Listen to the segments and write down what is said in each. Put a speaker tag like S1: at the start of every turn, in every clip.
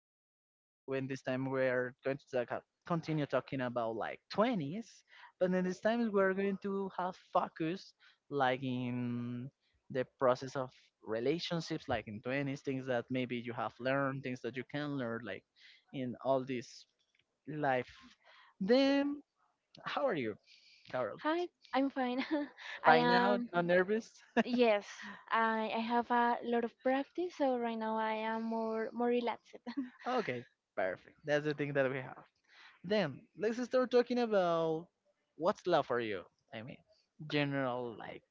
S1: Carol. When This time we are going to talk, continue talking about like 20s, but then this time we're going to have focus like in the process of relationships, like in 20s, things that maybe you have learned, things that you can learn, like in all this life. Then, how are you, Carol?
S2: Hi, I'm fine. I
S1: By now,
S2: am,
S1: not nervous?
S2: yes, I have a lot of practice, so right now I am more relaxed.
S1: Okay, perfect. That's the thing that we have. Then let's start talking about what's love for you. I mean, general like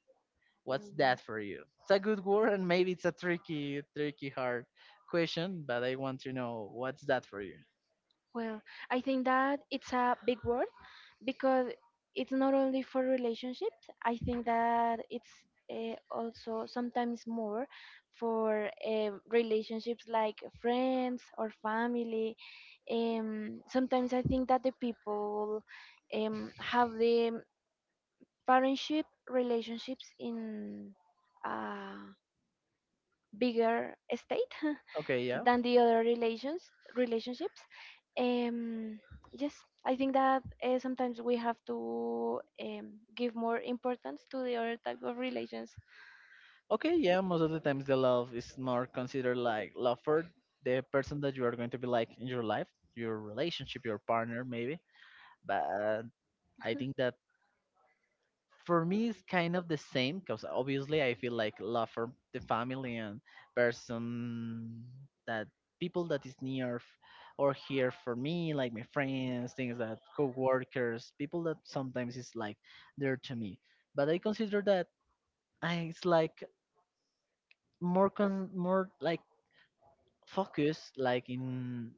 S1: what's that for you? It's a good word and maybe it's a tricky hard question, but I want to know what's that for you.
S2: Well, I think that it's a big word because it's not only for relationships. I think that it's also sometimes more for relationships like friends or family. Sometimes I think that the people have the partnership relationships in a bigger state
S1: Okay, yeah.
S2: than the other relationships um yes, I think that sometimes we have to give more importance to the other type of relations.
S1: Okay, yeah, most of the times the love is more considered like love for the person that you are going to be like in your life, your relationship, your partner maybe. But I think that for me it's kind of the same because obviously I feel like love for the family and person that people that is near or here for me like my friends things that co-workers people that sometimes is like there to me but I consider that it's like more like focus like in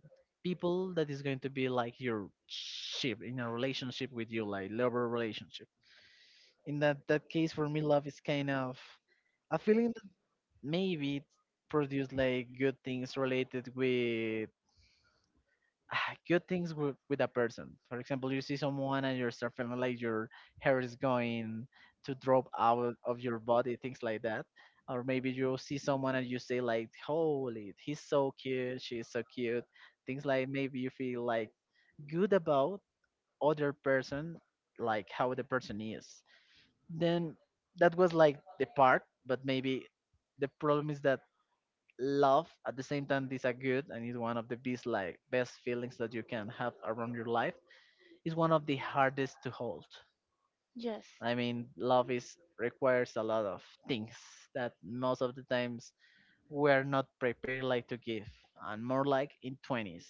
S1: people that is going to be like your ship in a relationship with you like lover relationship in that case for me love is kind of a feeling that maybe it produce like good things related with good things with a person. For example, you see someone and you start feeling like your hair is going to drop out of your body, things like that. Or maybe you see someone and you say like holy he's so cute she's so cute, things like maybe you feel like good about other person, like how the person is. Then that was like the part but maybe the problem is that love at the same time is a good and is one of the best like best feelings that you can have around your life, is one of the hardest to hold.
S2: Yes.
S1: I mean love is requires a lot of things that most of the times we're not prepared like to give, and more like in 20s.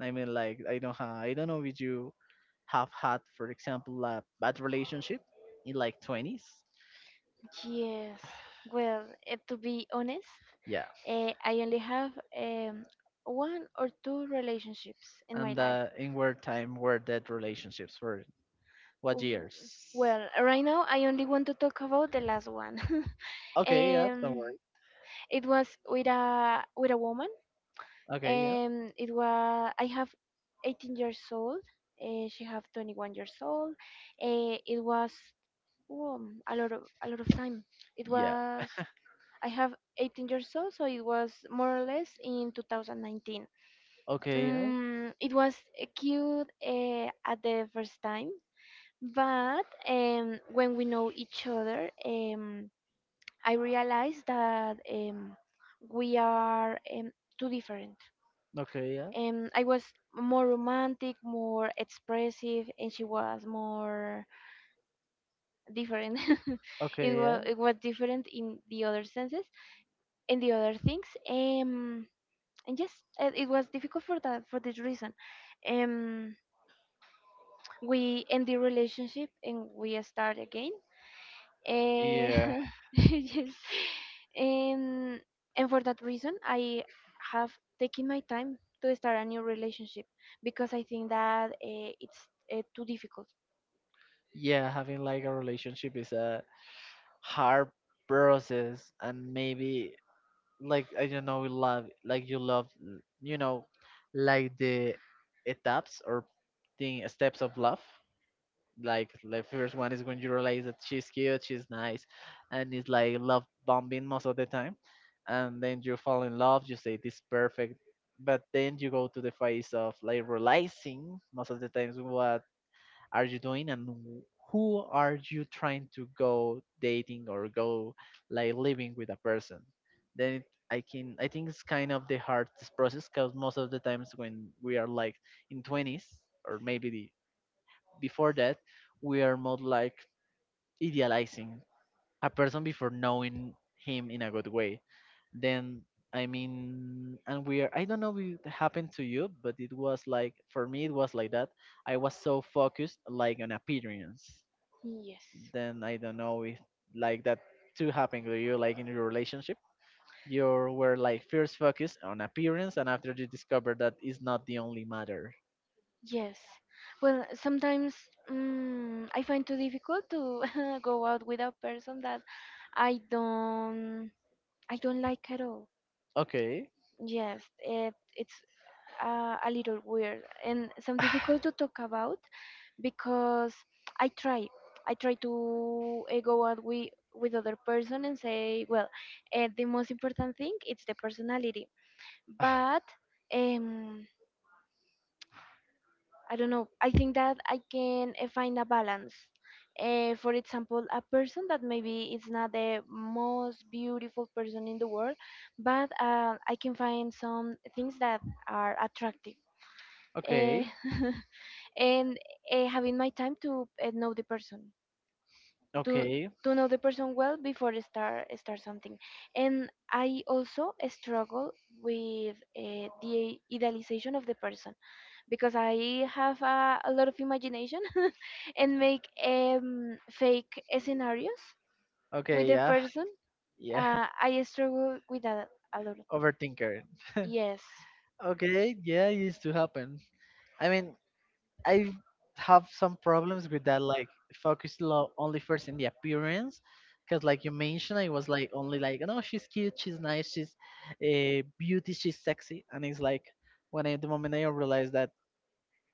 S1: I mean like I don't know if you have had for example a bad relationship in like 20s.
S2: Yes. Well, to be honest,
S1: Yeah.
S2: I only have um, one or two relationships in my
S1: And
S2: life.
S1: in what time were that relationships? For what
S2: W-
S1: years?
S2: Well, right now I only want to talk about the last one.
S1: Okay, yeah, don't
S2: um,
S1: worry.
S2: it was with a woman.
S1: Okay, yeah.
S2: It was I have 18 years old. She have 21 years old. It was a lot of time. It
S1: Yeah.
S2: was I have 18 years old, so it was more or less in 2019.
S1: Okay, yeah.
S2: It was cute at the first time. But when we know each other, I realized that we are too different.
S1: Okay, yeah.
S2: I was more romantic, more expressive, and she was more different. it
S1: Okay, yeah.
S2: was it was different in the other senses and the other things. And yes, it was difficult for that, for this reason. Um, we end the relationship and we start again. Eh,
S1: Yeah.
S2: yes. Um, and for that reason, I have taken my time to start a new relationship because I think that it's too difficult.
S1: Yeah, having like a relationship is a hard process and maybe like I don't know, love like you love, you know, like the etapas or the steps of love. Like the first one is when you realize that she's cute, she's nice, and it's like love bombing most of the time, and then you fall in love. You say this perfect, but then you go to the phase of like realizing most of the times what are you doing and who are you trying to go dating or go like living with a person. Then it, I think it's kind of the hardest process because most of the times when we are like in 20s or maybe before that we are more like idealizing a person before knowing him in a good way. Then, I mean, and we are, I don't know if it happened to you but it was like for me it was like that. I was so focused like on appearance.
S2: Yes.
S1: Then I don't know if like that too happened to you, like in your relationship you were like first focused on appearance and after you discovered that is not the only matter.
S2: Yes. Well, sometimes I find too difficult to go out with a person that I don't I don't like at all.
S1: Okay.
S2: Yes, it's a little weird and some difficult to talk about because I try. I try to go out with other person and say, well, the most important thing it's the personality. But um, I don't know. I think that I can find a balance. For example, a person that maybe is not the most beautiful person in the world, but I can find some things that are attractive. Uh,
S1: Okay.
S2: and having my time to know the person. To
S1: Okay.
S2: to know the person well before I start something. And I also struggle with the idealization of the person because I have a lot of imagination and make fake scenarios with
S1: Okay.
S2: the
S1: Yeah.
S2: person.
S1: Yeah.
S2: Uh, I struggle with that a lot.
S1: Overthinker.
S2: Yes.
S1: Okay, yeah, it used to happen. I mean, I have some problems with that, like focus only first in the appearance, because like you mentioned, I was like only like, no, she's cute, she's nice, she's beauty, she's sexy, and it's like the moment I realized that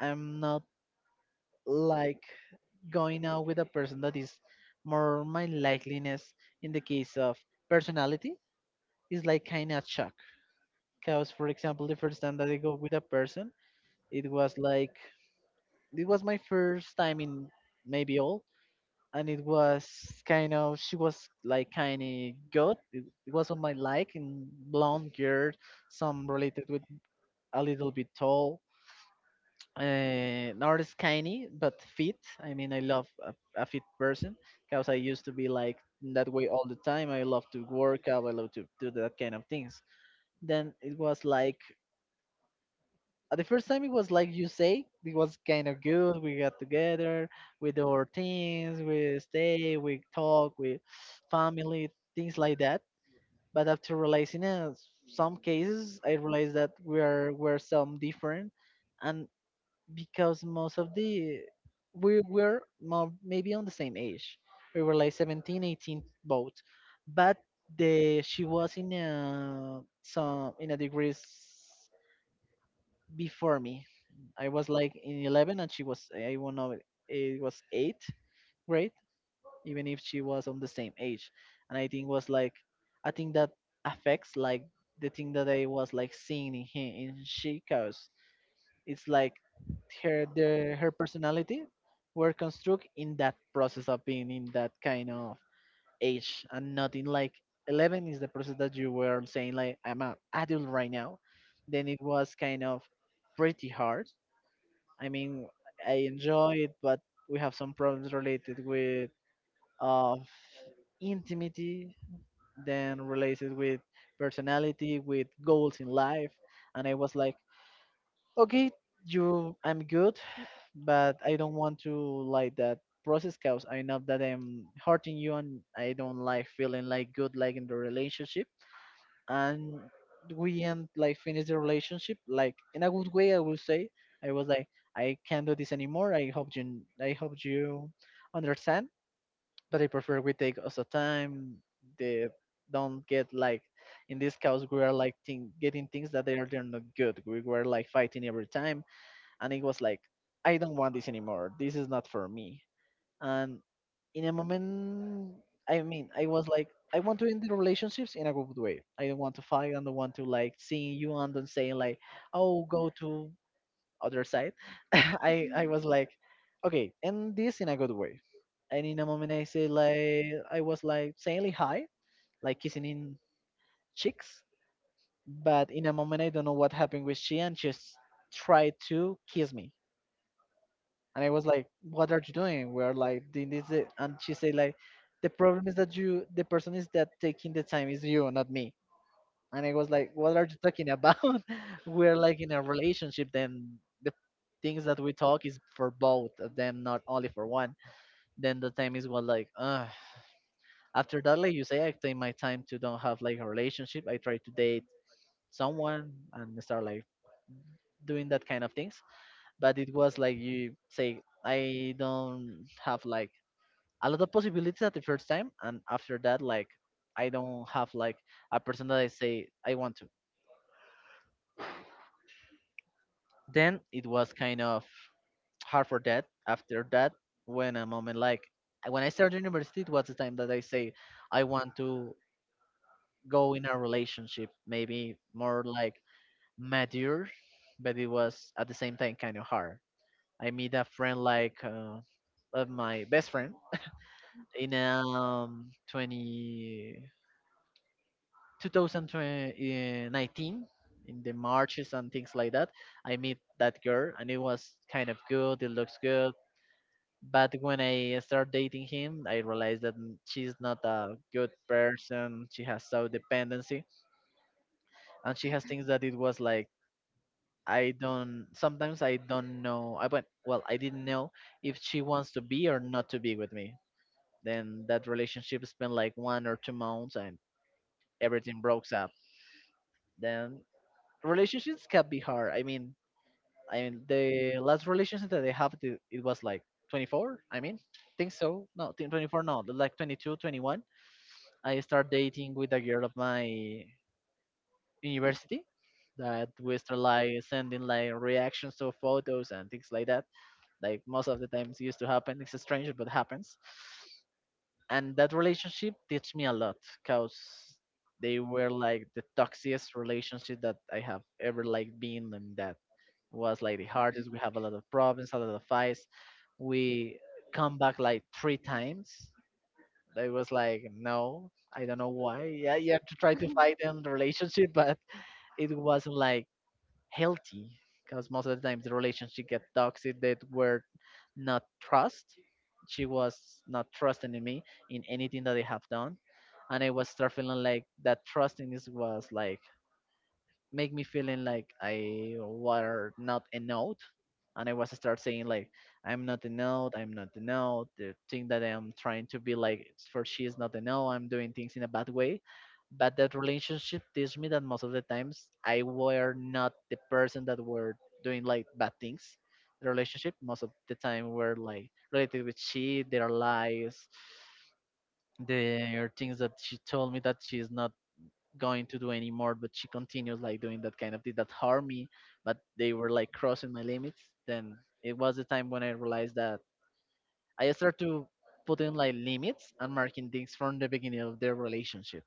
S1: I'm not like going out with a person that is more my likeliness in the case of personality is like kind of shock. Because for example, the first time that I go with a person, it was like it was my first time in maybe all, and it was kind of she was like kind of good it was on my like in blonde girl, some related with a little bit tall, not as skinny but fit. I mean I love a fit person because I used to be like that way all the time. I love to work out, I love to do that kind of things. Then it was like the first time it was like you say, it was kind of good. We got together with our things, we stay, we talk, we family, things like that. But after realizing some cases, I realized that we're some different, and because most of the we were more, maybe on the same age, we were like 17, 18, both, but the she was in a some in a degrees before me. I was like in 11 and she was, eh, I won't know, it was 8th grade, even if she was on the same age. And I think was like, I think that affects like the thing that I was like seeing in him, in she, cause it's like her personality were construct in that process of being in that kind of age and not in like 11 is the process that you were saying like I'm an adult right now. Then it was kind of pretty hard. I mean, I enjoy it, but we have some problems related with of intimacy, then related with personality, with goals in life, and I was like, okay, you, I'm good, but I don't want to like that process because I know that I'm hurting you, and I don't like feeling like good like in the relationship. And we end like finish the relationship like in a good way I will say. I was like, I can't do this anymore, I hope you understand, but I prefer we take also time, the don't get like in this cause we are like thing, getting things that they are they're not good. We were like fighting every time and it was like, I don't want this anymore, this is not for me. And in a moment, I mean, I was like, I want to end the relationships in a good way. I don't want to fight. I don't want to like seeing you and then saying like, oh, go to other side.
S2: Mhm.
S1: I was like, okay, end this in a good way. And in a moment, I say like, I was like saying like hi, like kissing in cheeks. But in a moment, I don't know what happened with she, and just tried to kiss me and I was like, "What are you doing? We're like doing this, and she said like, "The problem is that you, the person is that taking the time is you, not me." And I was like, "What are you talking about? We're like in a relationship, then the things that we talk is for both of them, not only for one." Then the time is what like, ugh. After that, like you say, I take my time to don't have like a relationship. I try to date someone and start like doing that kind of things, but it was like you say. I don't have like a lot of possibilities at the first time and after that like I don't have like a person that I say I want to. Then it was kind of hard for that. After that, when a moment like when I started university, it was the time that I say I want to go in a relationship maybe more like mature, but it was at the same time kind of hard. I meet a friend like of my best friend in 20 2019, in the marches and things like that. I met that girl and it was kind of good, it looks good, but when I start dating him I realized that she's not a good person, she has so dependency, and she has things that it was like I don't sometimes I don't know I went well I didn't know if she wants to be or not to be with me. Then that relationship spent like 1 or 2 months and everything broke up. Then relationships can be hard. I mean, the last relationship that I have to, it was like 24. I mean, think so? No, think 24. No, like 22, 21. I start dating with a girl of my university. That we start like sending like reactions to photos and things like that. Like most of the times used to happen. It's strange, but happens. And that relationship teach me a lot, cause they were like the toxiest relationship that I have ever like been in, that was like the hardest. We have a lot of problems, a lot of fights. We come back like three times. It was like, no, I don't know why. Yeah, you have to try to fight in the relationship, but it wasn't like healthy because most of the times the relationship get toxic that were not trust. She was not trusting in me in anything that I have done. And I was start feeling like that trusting is was like make me feeling like I were not a note. And I was start saying like, I'm not a note, I'm not a note. The thing that I'm trying to be like for she is not a note. I'm doing things in a bad way. But that relationship teach me that most of the times I were not the person that were doing like bad things. The relationship most of the time were like related with she, their lies, their things that she told me that she's not going to do anymore, but she continues like doing that kind of thing that harmed me, but they were like crossing my limits. Then it was the time when I realized that I started to put in like limits and marking things from the beginning of their relationship.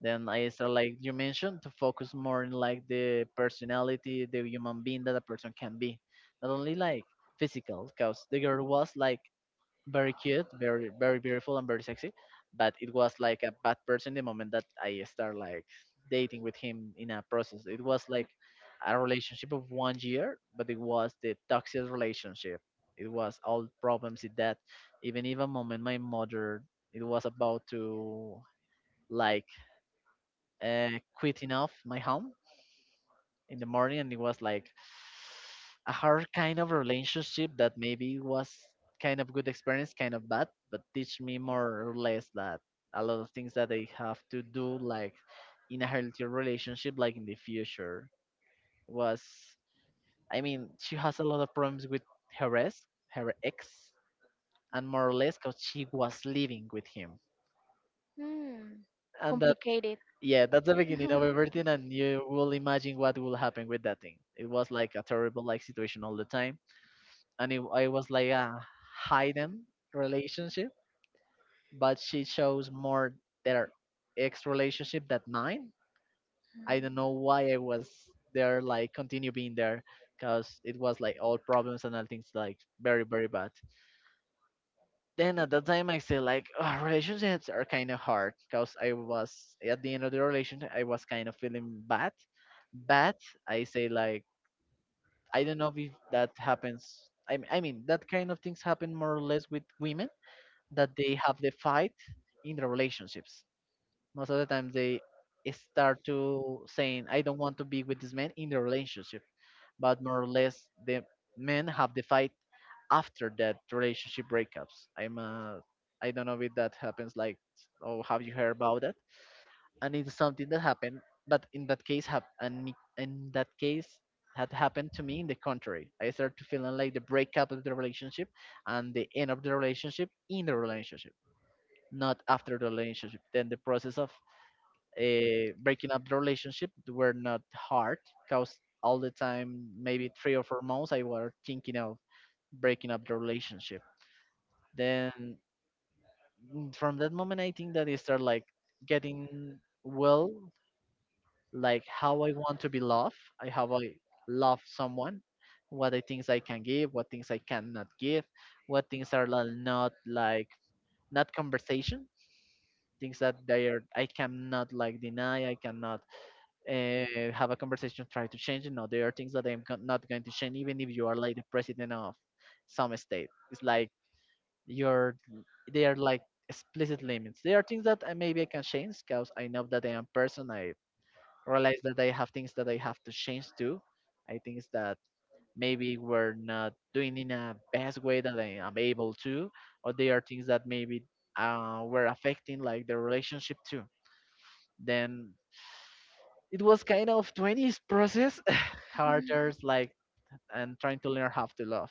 S1: Then I start, like you mentioned, to focus more in like the personality, the human being that a person can be, not only like physical, because the girl was like very cute, very very beautiful and very sexy. But it was like a bad person the moment that I start like dating with him in a process. It was like a relationship of one year, but it was the toxic relationship. It was all problems with that. Even moment my mother it was about to like uh, quitting off my home in the morning, and it was like a hard kind of relationship that maybe was kind of good experience, kind of bad, but teach me more or less that a lot of things that I have to do like in a healthy relationship like in the future was, I mean she has a lot of problems with her ex her ex, and more or less because she was living with him
S2: Hmm.
S1: and that,
S2: Complicated.
S1: yeah, that's the beginning of everything and you will imagine what will happen with that thing. It was like a terrible like situation all the time, and it was like a hidden relationship, but she shows more their ex relationship that mine. I don't know why I was there,
S2: Hmm.
S1: like continue being there, because it was like all problems and all things like very very bad. Then at that time I say like, "Ah, relationships are kind of hard," because I was at the end of the relationship, I was kind of feeling bad. But I say like, I don't know if that happens. I mean that kind of things happen more or less with women, that they have the fight in their relationships. Most of the time, they start to saying, "I don't want to be with this man" in the relationship, but more or less, the men have the fight after that relationship breakups. I don't know if that happens. Like, oh, have you heard about that? And it's something that happened, but in that case, in that case, had happened to me in the contrary. I started to feeling like the breakup of the relationship and the end of the relationship in the relationship, not after the relationship. Then the process of breaking up the relationship were not hard because all the time, maybe 3 or 4 months, I was thinking of breaking up the relationship. Then from that moment, I think that I start like getting, well, like how I want to be loved. I how I love someone, what I things I can give, what things I cannot give, what things are like, not like, not conversation things that they are, I cannot like deny. I cannot have a conversation, try to change it. No, there are things that not going to change even if you are like the president of some state. It's like, you're they are like explicit limits. There are things that I, maybe I can change because I know that I am person. I realize that I have things that I have to change too. I think that maybe we're not doing in a best way that I am able to, or there are things that maybe were affecting like the relationship too. Then it was kind of 20s process harder like, and trying to learn how to love.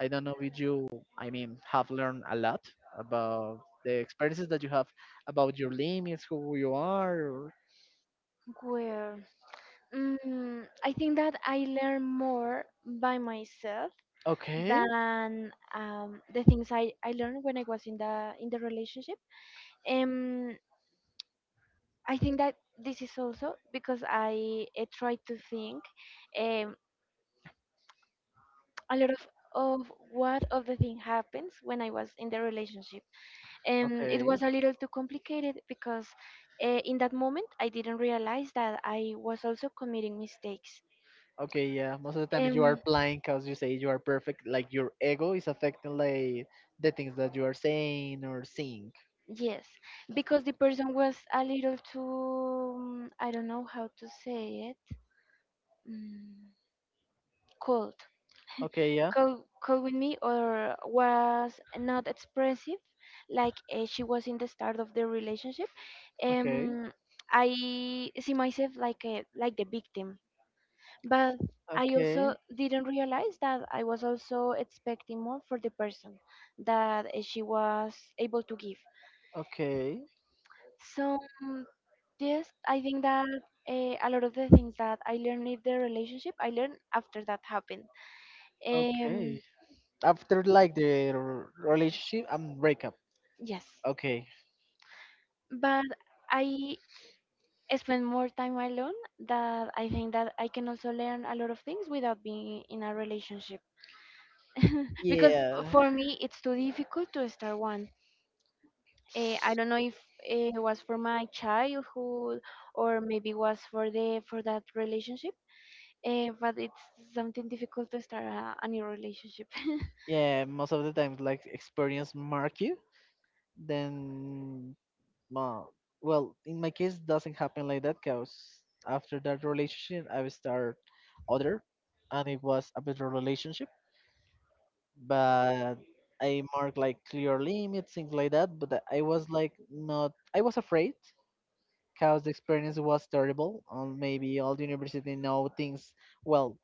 S1: I don't know if you, I mean, have learned a lot about the experiences that you have, about your limits, who you are, or...
S2: Where? Mm, I think that I learn more by myself
S1: Okay.
S2: than the things I learned when I was in the relationship. Um, I think that this is also because I try to think um, a lot of what of the thing happens when I was in the relationship. It
S1: Okay.
S2: was a little too complicated because in that moment I didn't realize that I was also committing mistakes.
S1: Okay, yeah, most of the times you are
S2: Um,
S1: blind because you say you are perfect, like your ego is affecting like the things that you are saying or seeing.
S2: Yes, because the person was a little too, I don't know how to say it, mm, cold.
S1: Okay. Yeah.
S2: Cold, cold with me, or was not expressive, like she was in the start of the relationship.
S1: Okay.
S2: Um, I see myself like like the victim, but I
S1: Okay.
S2: also didn't realize that I was also expecting more for the person that she was able to give.
S1: Okay.
S2: So yes, I think that a lot of the things that I learned in the relationship, I learned after that happened. Um,
S1: Okay. After like the relationship and breakup.
S2: yes,
S1: Okay.
S2: but I spend more time alone. That I think that I can also learn a lot of things without being in a relationship. Because
S1: Yeah.
S2: for me, it's too difficult to start one. I don't know if it was for my childhood or maybe was for the for that relationship. But it's something difficult to start a new relationship.
S1: Yeah. Most of the times, like experience mark you. Then, uh, well, in my case, doesn't happen like that. Cause after that relationship, I will start other, and it was a better relationship. But I marked like clear limits, things like that. But I was like not. I was afraid because the experience was terrible. Maybe all the university know things, well,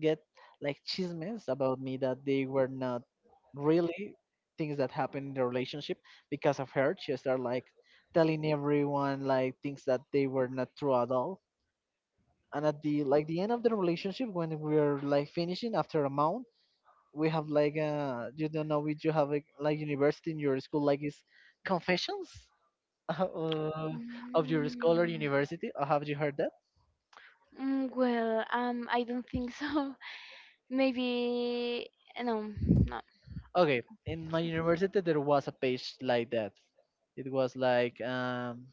S1: get like chismes about me that they were not really things that happened in the relationship because of her. She started like telling everyone like things that they were not true at all. And at the like the end of the relationship, when we are like finishing after a month, we have like you don't know if you have like, university in your school like is confessions uh,
S2: Mm,
S1: of your scholar university. Have you heard that?
S2: well, I don't think so. Maybe no, no.
S1: Okay, in my university there was a page like that. It was like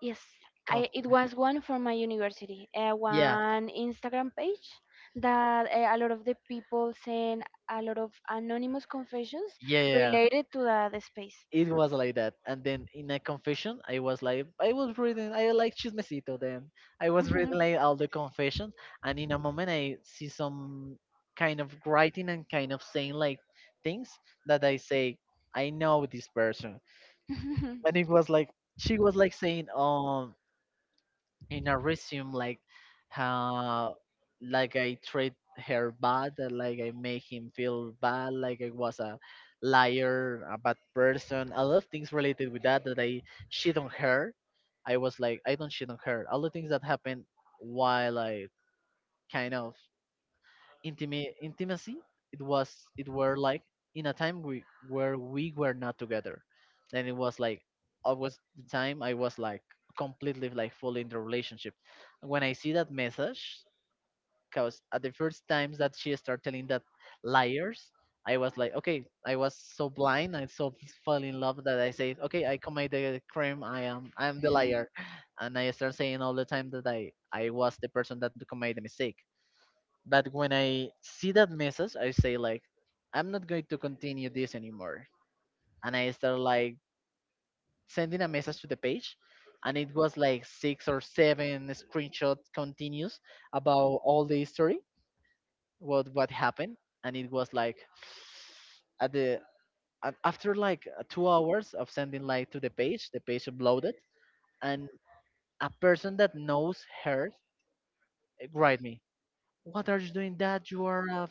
S2: Yes, I
S1: conf-
S2: it was one for my university,
S1: yeah,
S2: one Instagram page that a lot of the people send a lot of anonymous confessions
S1: yeah, yeah, yeah.
S2: related to the space.
S1: It was like that. And then in a confession, I was like, I was reading, I like chismecito. Then I was reading like all the confessions, and in a moment I see some kind of writing and kind of saying like things that I say, I know this person,
S2: Mhm.
S1: and it was like she was like saying, in a resume like how like I treat her bad, like I make him feel bad, like I was a liar, a bad person, a lot of things related with that I shit on her. I was like, I don't shit on her. All the things that happened while I kind of intimate intimacy, it was, it were like in a time we where we were not together, and it was like always the time I was like completely, like fully in the relationship when I see that message. Because at the first times that she started telling that liars, I was like okay, I was so blind, I so fell in love that I said okay, I commit the crime, I am the
S2: Mhm.
S1: liar, and I start saying all the time that I was the person that commit the mistake. But when I see that message, I say like, I'm not going to continue this anymore. And I start like sending a message to the page, and it was like six or seven screenshot continues about all the history, what happened, and it was like at the, and after like 2 hours of sending like to the page uploaded, and a person that knows her write me, "What are you doing? That you are a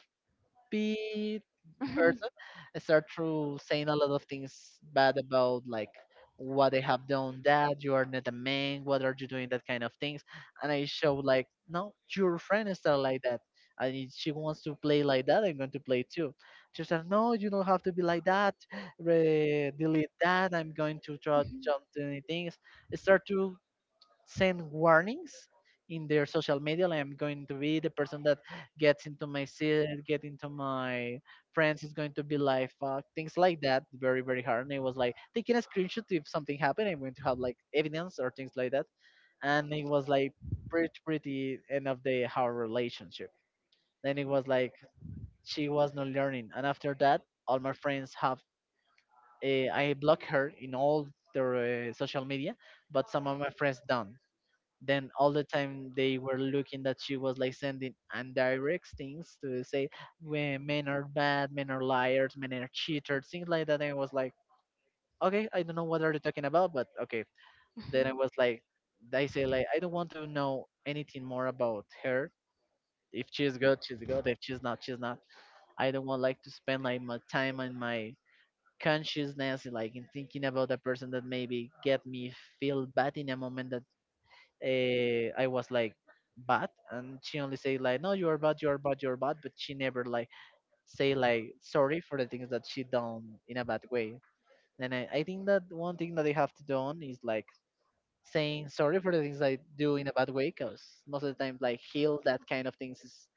S1: person. I start to saying a lot of things bad about like what they have done, that you are not a man, what are you doing, that kind of things. And I show like, "No, your friend is not like that, and if she wants to play like that, I'm going to play too." She said, "No, you don't have to be like that. Delete that. I'm going to try jump to any things." I start to send warnings in their social media like, "I'm going to be the person that gets into my seat, get into my friends, is going to be like fuck things like that," very very hard. And it was like taking a screenshot, if something happened I'm going to have like evidence or things like that. And it was like pretty end of the our relationship. Then it was like she was not learning, and after that all my friends have, I block her in all their social media, but some of my friends don't. Then all the time they were looking that she was like sending indirect things to say, when men are bad, men are liars, men are cheaters, things like that. And I was like, okay, I don't know what are they talking about, but okay. Then I was like, I say like I don't want to know anything more about her. If she's good, she's good; if she's not, she's not. I don't want like to spend like my time and my consciousness like in thinking about a person that maybe get me feel bad in a moment. I was like bad, and she only say like, "No, you are bad, you are bad, you are bad," but she never like say like sorry for the things that she done in a bad way. And I think that one thing that they have to do on is like saying sorry for the things I do in a bad way, because most of the time like heal that kind of things is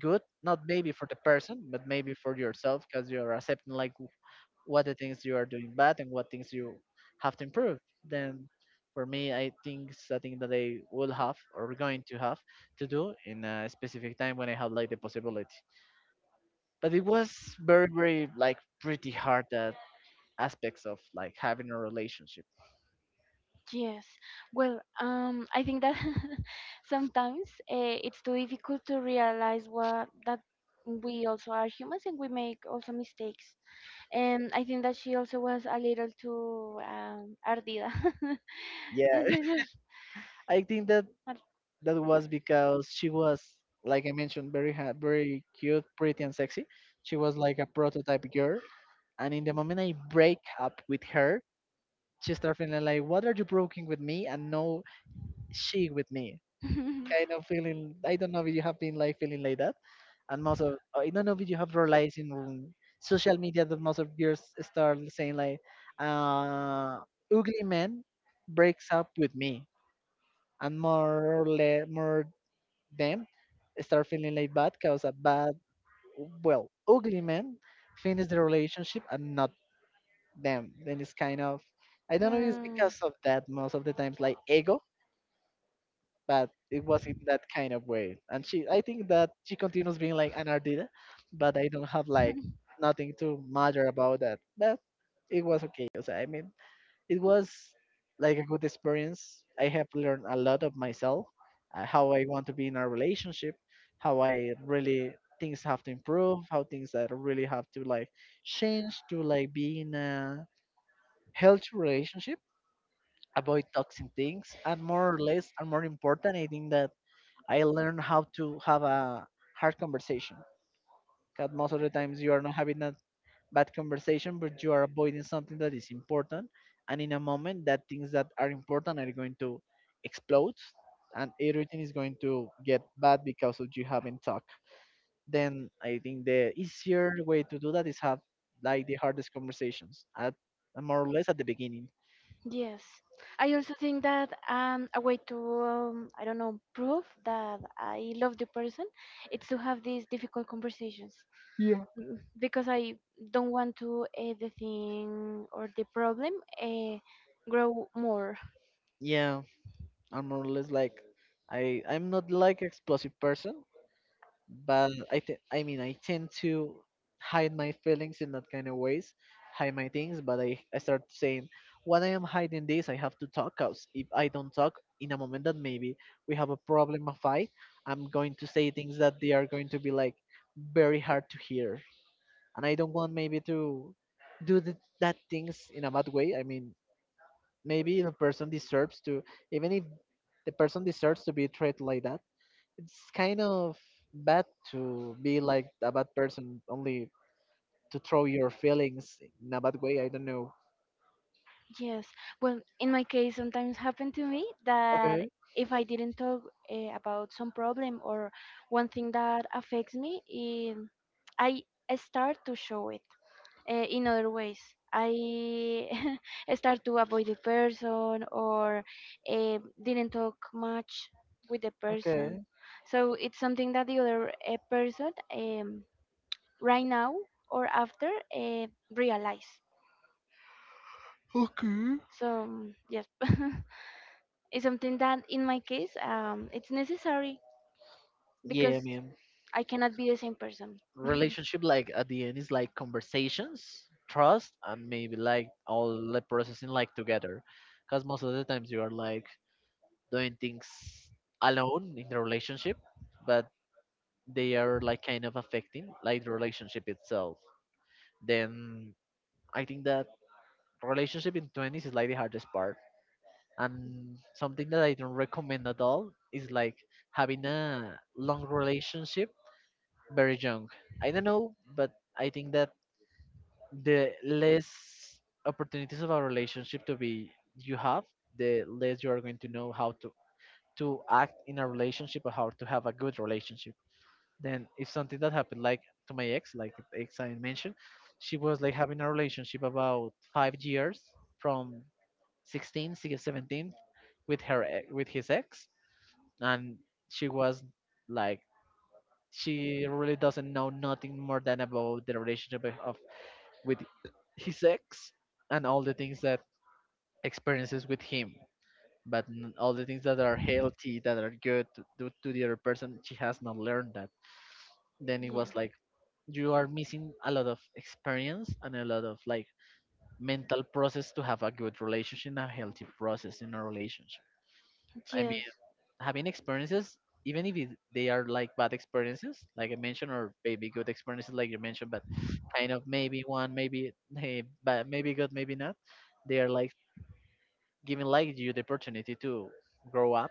S1: good, not maybe for the person, but maybe for yourself, because you are accepting like what the things you are doing bad and what things you have to improve. Then for me, I think something that I will have or going to have to do in a specific time when I have like the possibility. But it was very, very like pretty hard that aspects of like having a relationship.
S2: Yes. Well, I think that sometimes it's too difficult to realize what that we also are humans and we make also mistakes. And I think that she also was a little too ardida.
S1: Yeah,
S2: Yes,
S1: I think that
S2: ar-
S1: that was because she was, like I mentioned, very cute, pretty and sexy. She was like a prototype girl, and in the moment I break up with her, she started feeling like, what are you broken with me and no she with me? Kind of feeling, I don't know if you have been like feeling like that. And most of, I don't know if you have realized in social media that most of girls start saying like, uh, ugly man breaks up with me. And more or less, more them start feeling like bad because a bad, well, ugly man finish the relationship and not them. Then it's kind of, I don't know, if it's
S2: Mm.
S1: because of that most of the times, like ego, but it was in that kind of way. And she, I think that she continues being like an Ardida, but I don't have like nothing to matter about that. But it was okay. So I mean, it was like a good experience. I have learned a lot of myself, how I want to be in a relationship, how I really things have to improve, how things that really have to like change to like be in a healthy relationship, avoid toxic things, and more or less, and more important, I think that I learned how to have a hard conversation. Because most of the times you are not having a bad conversation, but you are avoiding something that is important. And in a moment, that things that are important are going to explode, and everything is going to get bad because of you haven't talked. Then I think the easier way to do that is have like the hardest conversations at more or less at the beginning.
S2: Yes, I also think that a way to I don't know, prove that I love the person, it's to have these difficult conversations. Mm, because I don't want to the thing or the problem uh, grow more.
S1: Yeah, I'm more or less like I'm not like explosive person, but I mean I tend to hide my feelings in that kind of ways, hide my things. But I start saying when I am hiding this, I have to talk. Cause if I don't talk in a moment that maybe we have a problem, a fight, I'm going to say things that they are going to be like very hard to hear, and I don't want maybe to that things in a bad way. I mean maybe the person deserves to, even if the person deserves to be treated like that, it's kind of bad to be like a bad person only to throw your feelings in a bad way. I don't know.
S2: Yes, well, in my case, sometimes happened to me that
S1: Okay.
S2: if I didn't talk about some problem or one thing that affects me, um I I start to show it in other ways. I start to avoid the person or didn't talk much with the person.
S1: Okay.
S2: So it's something that the other person right now or after uh, realize. So yes, it's something that in my case it's necessary
S1: Yeah, I
S2: because
S1: mean,
S2: I cannot be the same person.
S1: relationship like at the end is like conversations, trust, and maybe like all the processing like together, because most of the times you are like doing things alone in the relationship, but they are like kind of affecting like the relationship itself. Then I think that relationship in 20s is like the hardest part, and something that I don't recommend at all is like having a long relationship very young. I don't know, but I think that the less opportunities of a relationship to be you have, the less you are going to know how to act in a relationship or how to have a good relationship. Then if something that happened like to my ex, like ex I mentioned, she was like having a relationship about 5 years from 16, 17 with her with his ex, and she was like, she really doesn't know nothing more than about the relationship of with his ex and all the things that experiences with him. But all the things that are healthy, that are good to, to the other person, she has not learned that. Then it
S2: Yeah.
S1: was like you are missing a lot of experience and a lot of like mental process to have a good relationship, a healthy process in a relationship. I
S2: Yes.
S1: having experiences, even if it, they are like bad experiences like I mentioned or maybe good experiences like you mentioned, but kind of maybe one maybe hey but maybe good maybe not, they are like giving like you the opportunity to grow up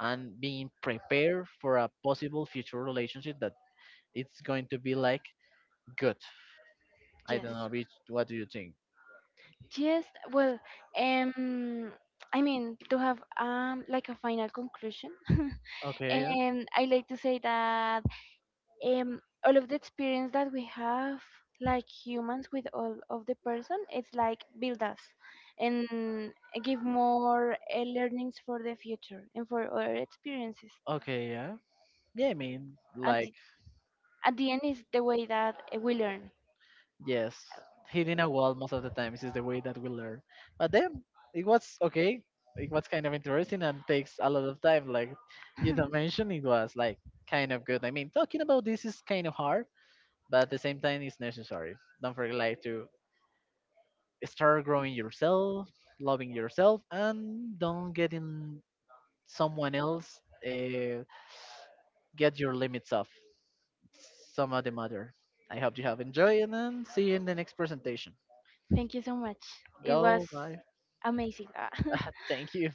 S1: and being prepared for a possible future relationship that it's going to be like good. I
S2: Yes.
S1: don't know which, what do you think?
S2: Yes. Well, um, I mean to have like a final conclusion.
S1: Okay, yeah.
S2: I like to say that um all of the experience that we have like humans with all of the person, it's like build us and give more learnings for the future and for other experiences.
S1: Okay, yeah. Yeah, I mean
S2: And
S1: like,
S2: at the end is the way that we learn.
S1: yes, hitting a wall most of the times is the way that we learn. But then it was okay. It was kind of interesting and takes a lot of time. Like you don't mention, it was like kind of good. I mean, talking about this is kind of hard, but at the same time, it's necessary. Don't forget like to start growing yourself, loving yourself, and don't get in someone else. Get your limits off. Some of the matter. I hope you have enjoyed and see you in the next presentation.
S2: Thank you so much. It was
S1: Go bye.
S2: amazing. Ah.
S1: Thank you.